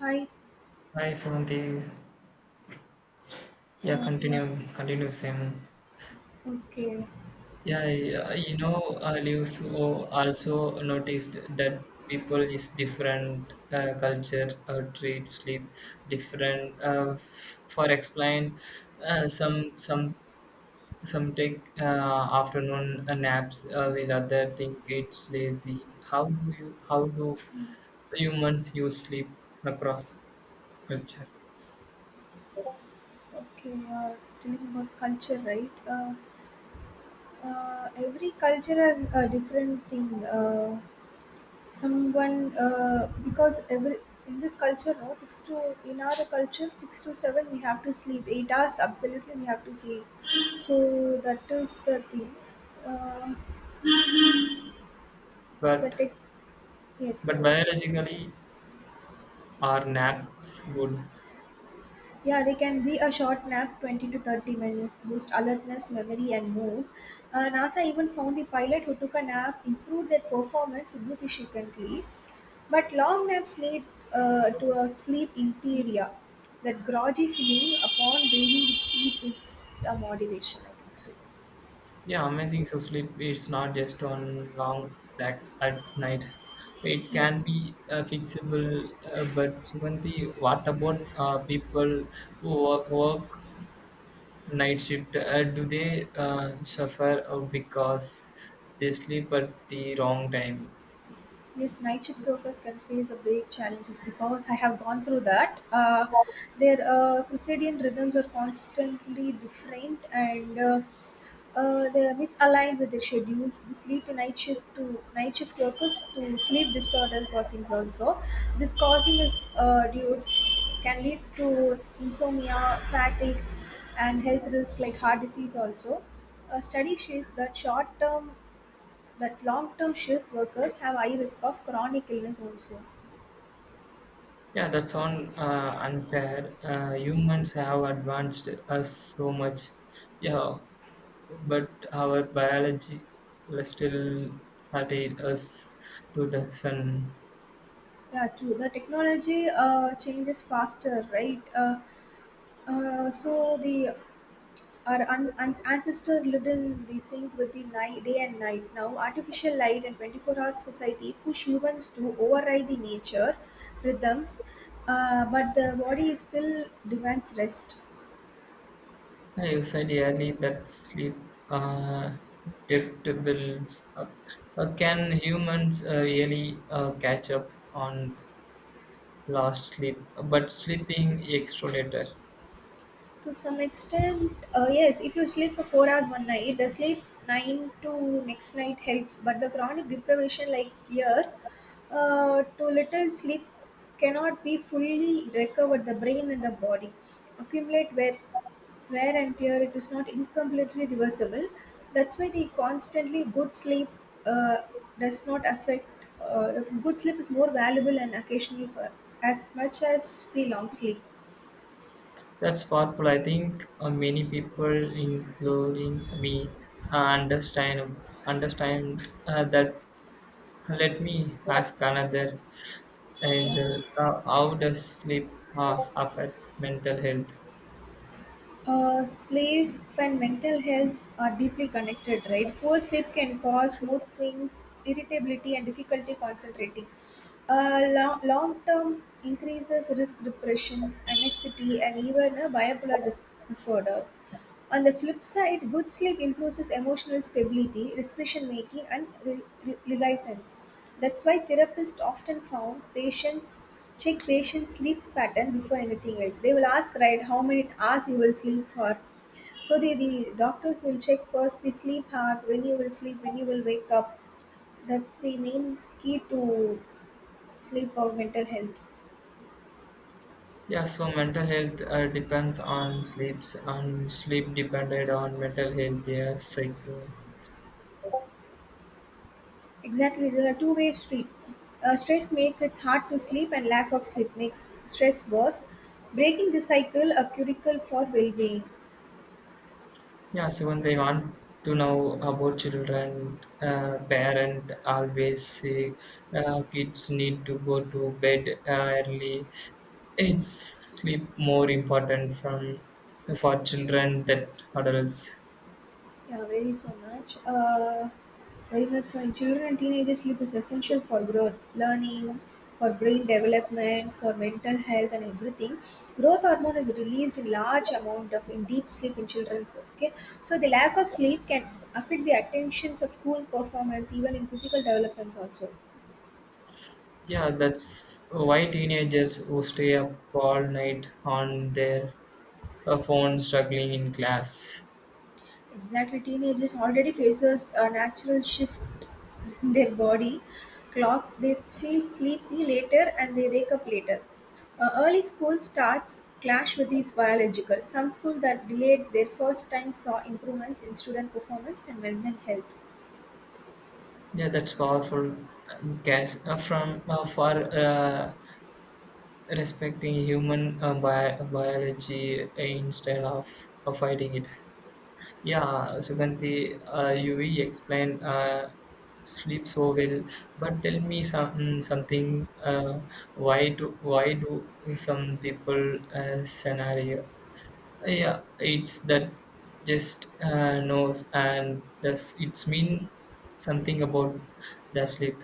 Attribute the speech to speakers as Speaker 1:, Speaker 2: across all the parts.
Speaker 1: Hi.
Speaker 2: Hi, Sumanti. Yeah,
Speaker 1: Uh,
Speaker 2: continue, continue, same.
Speaker 1: okay.
Speaker 2: Yeah, yeah, you know, I also noticed that people is different culture treat sleep different. For explain, uh, some some some take afternoon naps with other think it's lazy. How do humans use sleep across culture?
Speaker 1: Okay. Telling about culture, right? Every culture has a different thing. Someone, because every in this culture, no six to in our culture six to seven we have to sleep 8 hours. Absolutely, we have to sleep. So that is the thing. Uh, the
Speaker 2: But
Speaker 1: tech.
Speaker 2: but
Speaker 1: Yes.
Speaker 2: biologically. Are naps good?
Speaker 1: Yeah, they can be a short nap, 20 to 30 minutes, boost alertness, memory, and mood. NASA even found the pilot who took a nap improved their performance significantly, but long naps lead to a sleep interior. That groggy feeling upon breathing with ease is a motivation, I think so.
Speaker 2: Yeah, amazing. So sleep is not just on long back at night. It can
Speaker 1: Yes.
Speaker 2: be fixable. But Suganti, what about people who work night shift? Do they suffer because they sleep at the wrong time?
Speaker 1: Yes, night shift workers can face a big challenges because I have gone through that. Their circadian rhythms are constantly different, and they are misaligned with the schedules. This lead to night shift workers to sleep disorders causings also. This causing is due can lead to insomnia, fatigue, and health risk like heart disease also. A study shows that short term that long term shift workers have high risk of chronic illness also.
Speaker 2: Yeah, that's on unfair. Humans have advanced us so much. Yeah, but our biology still attracted us to the sun.
Speaker 1: Yeah, true. The technology changes faster, right? So the our ancestor lived in the sync with the night, day and night. Now, artificial light and 24 hours society push humans to override the nature rhythms, but the body still demands rest.
Speaker 2: I said earlier that sleep uh, debt builds up. Can humans really catch up on lost sleep? But sleeping extra later.
Speaker 1: To some extent, yes, if you sleep for 4 hours one night, the sleep 9 to next night helps, but the chronic deprivation, like years, to little sleep cannot be fully recovered the brain and the body accumulate wear and tear it is not incompletely reversible. That's why the constantly good sleep uh, does not affect. Uh, good sleep is more valuable and occasional for as much as the long sleep.
Speaker 2: That's powerful. I think many people, including me, uh, understand that. Let me ask another. And how does sleep affect mental health?
Speaker 1: Uh, sleep and mental health are deeply connected, right? Poor sleep can cause mood swings, irritability, and difficulty concentrating. Uh, long term increases risk depression, anxiety, and even a bipolar disorder. On the flip side, good sleep improves emotional stability, decision making, and reliance. That's why therapists often found patients check patients' sleep pattern before anything else. They will ask, right, how many hours you will sleep for. So the doctors will check first the sleep hours, when you will sleep, when you will wake up. That's the main key to sleep or mental health.
Speaker 2: Yeah, so mental health depends on sleeps, on sleep depended on mental health. Yeah, like
Speaker 1: Exactly, they're a two-way street. Stress makes it hard to sleep, and lack of sleep makes stress worse. Breaking the cycle, a curicle for well-being.
Speaker 2: yeah. So when they want to know about children, parent always say kids need to go to bed early. It's sleep more important from for children than adults.
Speaker 1: Yeah, very so much. Very much so. In children and teenagers, sleep is essential for growth, learning, for brain development, for mental health, and everything. Growth hormone is released in large amount of in deep sleep in children. Okay, so the lack of sleep can affect the attentions of school performance, even in physical developments also.
Speaker 2: Yeah, that's why teenagers who stay up all night on their phone struggling in class.
Speaker 1: Exactly, teenagers already faces a natural shift in their body clocks. They feel sleepy later and they wake up later. Early school starts clash with these biological. Some schools that delayed their first time saw improvements in student performance and mental health.
Speaker 2: Yeah, that's powerful. Gas from for respecting human biology instead of fighting it. Yeah, Suganti, you really explained sleep so well, but tell me some something. Why do some people scenario? Yeah, it's that just knows and does, it's mean something about the sleep.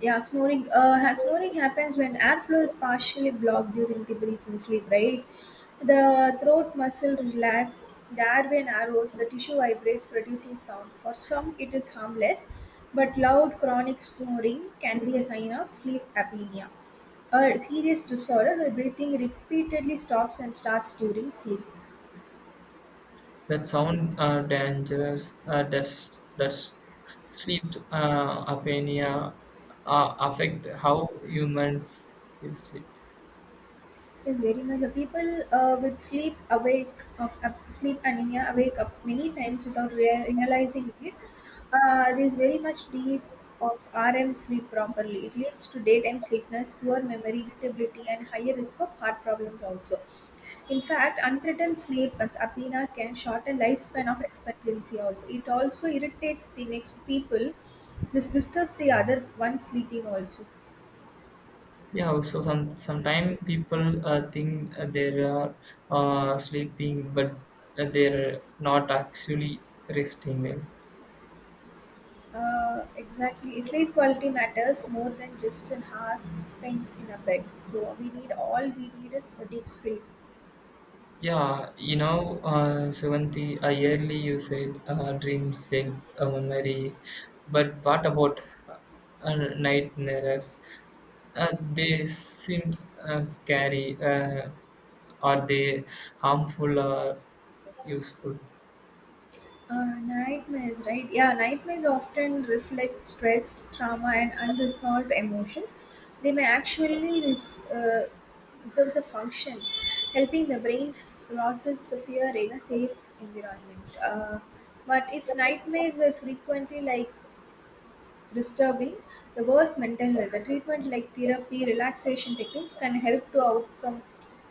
Speaker 1: Yeah, snoring. Snoring happens when airflow is partially blocked during the breathing sleep, right? The throat muscle relax, the airway narrows, the tissue vibrates, producing sound. For some, it is harmless, but loud chronic snoring can be a sign of sleep apnea, a serious disorder where breathing repeatedly stops and starts during sleep.
Speaker 2: That sound dangerous. Uh, Does sleep apnea affect how humans you sleep?
Speaker 1: Yes, very much. The people with sleep awake of sleep anemia awake up many times without realizing it. There is very much deep of RM sleep properly. It leads to daytime sleepiness, poor memory, irritability, and higher risk of heart problems also. In fact, unthreatened sleep as apnea can shorten lifespan of expectancy also. It also irritates the next people. This disturbs the other one sleeping also.
Speaker 2: Yeah, also sometimes people think they are sleeping but they're not actually resting well.
Speaker 1: Exactly. Sleep quality matters more than just an hour spent in a bed. So we need all we need is a deep sleep.
Speaker 2: Yeah, you know, Seventy, I early you said dreams save a memory, but what about nightmares? They seems scary. Are they harmful or useful?
Speaker 1: Nightmares, right? Yeah, nightmares often reflect stress, trauma, and unresolved emotions. They may actually serve a function, helping the brain process the fear in a safe environment. But if nightmares were frequently like disturbing the worse mental health. The treatment like therapy, relaxation techniques can help to outcome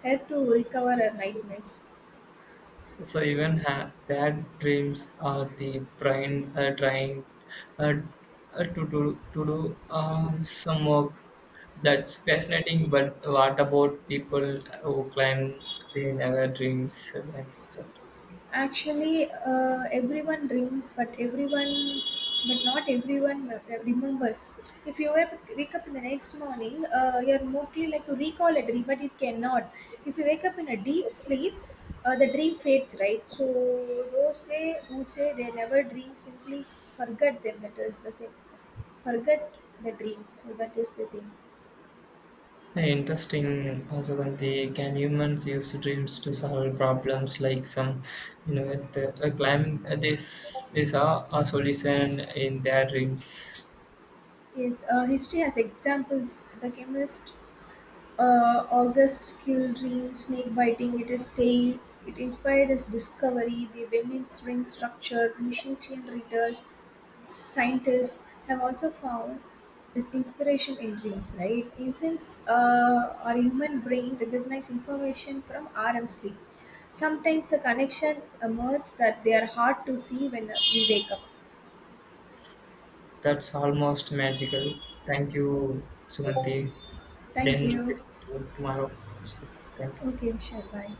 Speaker 1: help to recover our nightmares.
Speaker 2: So even bad dreams are the brain trying uh, to do some work. That's fascinating. But what about people who claim they never dreams?
Speaker 1: Actually, everyone dreams, but everyone, but not everyone remembers. If you wake up in the next morning, you're mostly like to recall a dream, but it cannot. If you wake up in a deep sleep, the dream fades, right? So those way who say they never dream simply forget them. That is the same. Forget the dream. So that is the thing.
Speaker 2: Then interesting. Suganthi, can humans use dreams to solve problems like some, you know, the, claim this are a solution in their dreams?
Speaker 1: Is history has examples. The chemist August's kill dream snake biting it is tail. It inspired his discovery. The Bennett's ring structure, Lucentian readers, scientists have also found this inspiration in dreams, right? Incense, our human brain recognize information from REM sleep. Sometimes the connection emerges that they are hard to see when we wake up.
Speaker 2: That's almost magical. Thank you, Sumanti.
Speaker 1: Thank
Speaker 2: Then
Speaker 1: you.
Speaker 2: it's to tomorrow. Thank you.
Speaker 1: Okay, sure, bye.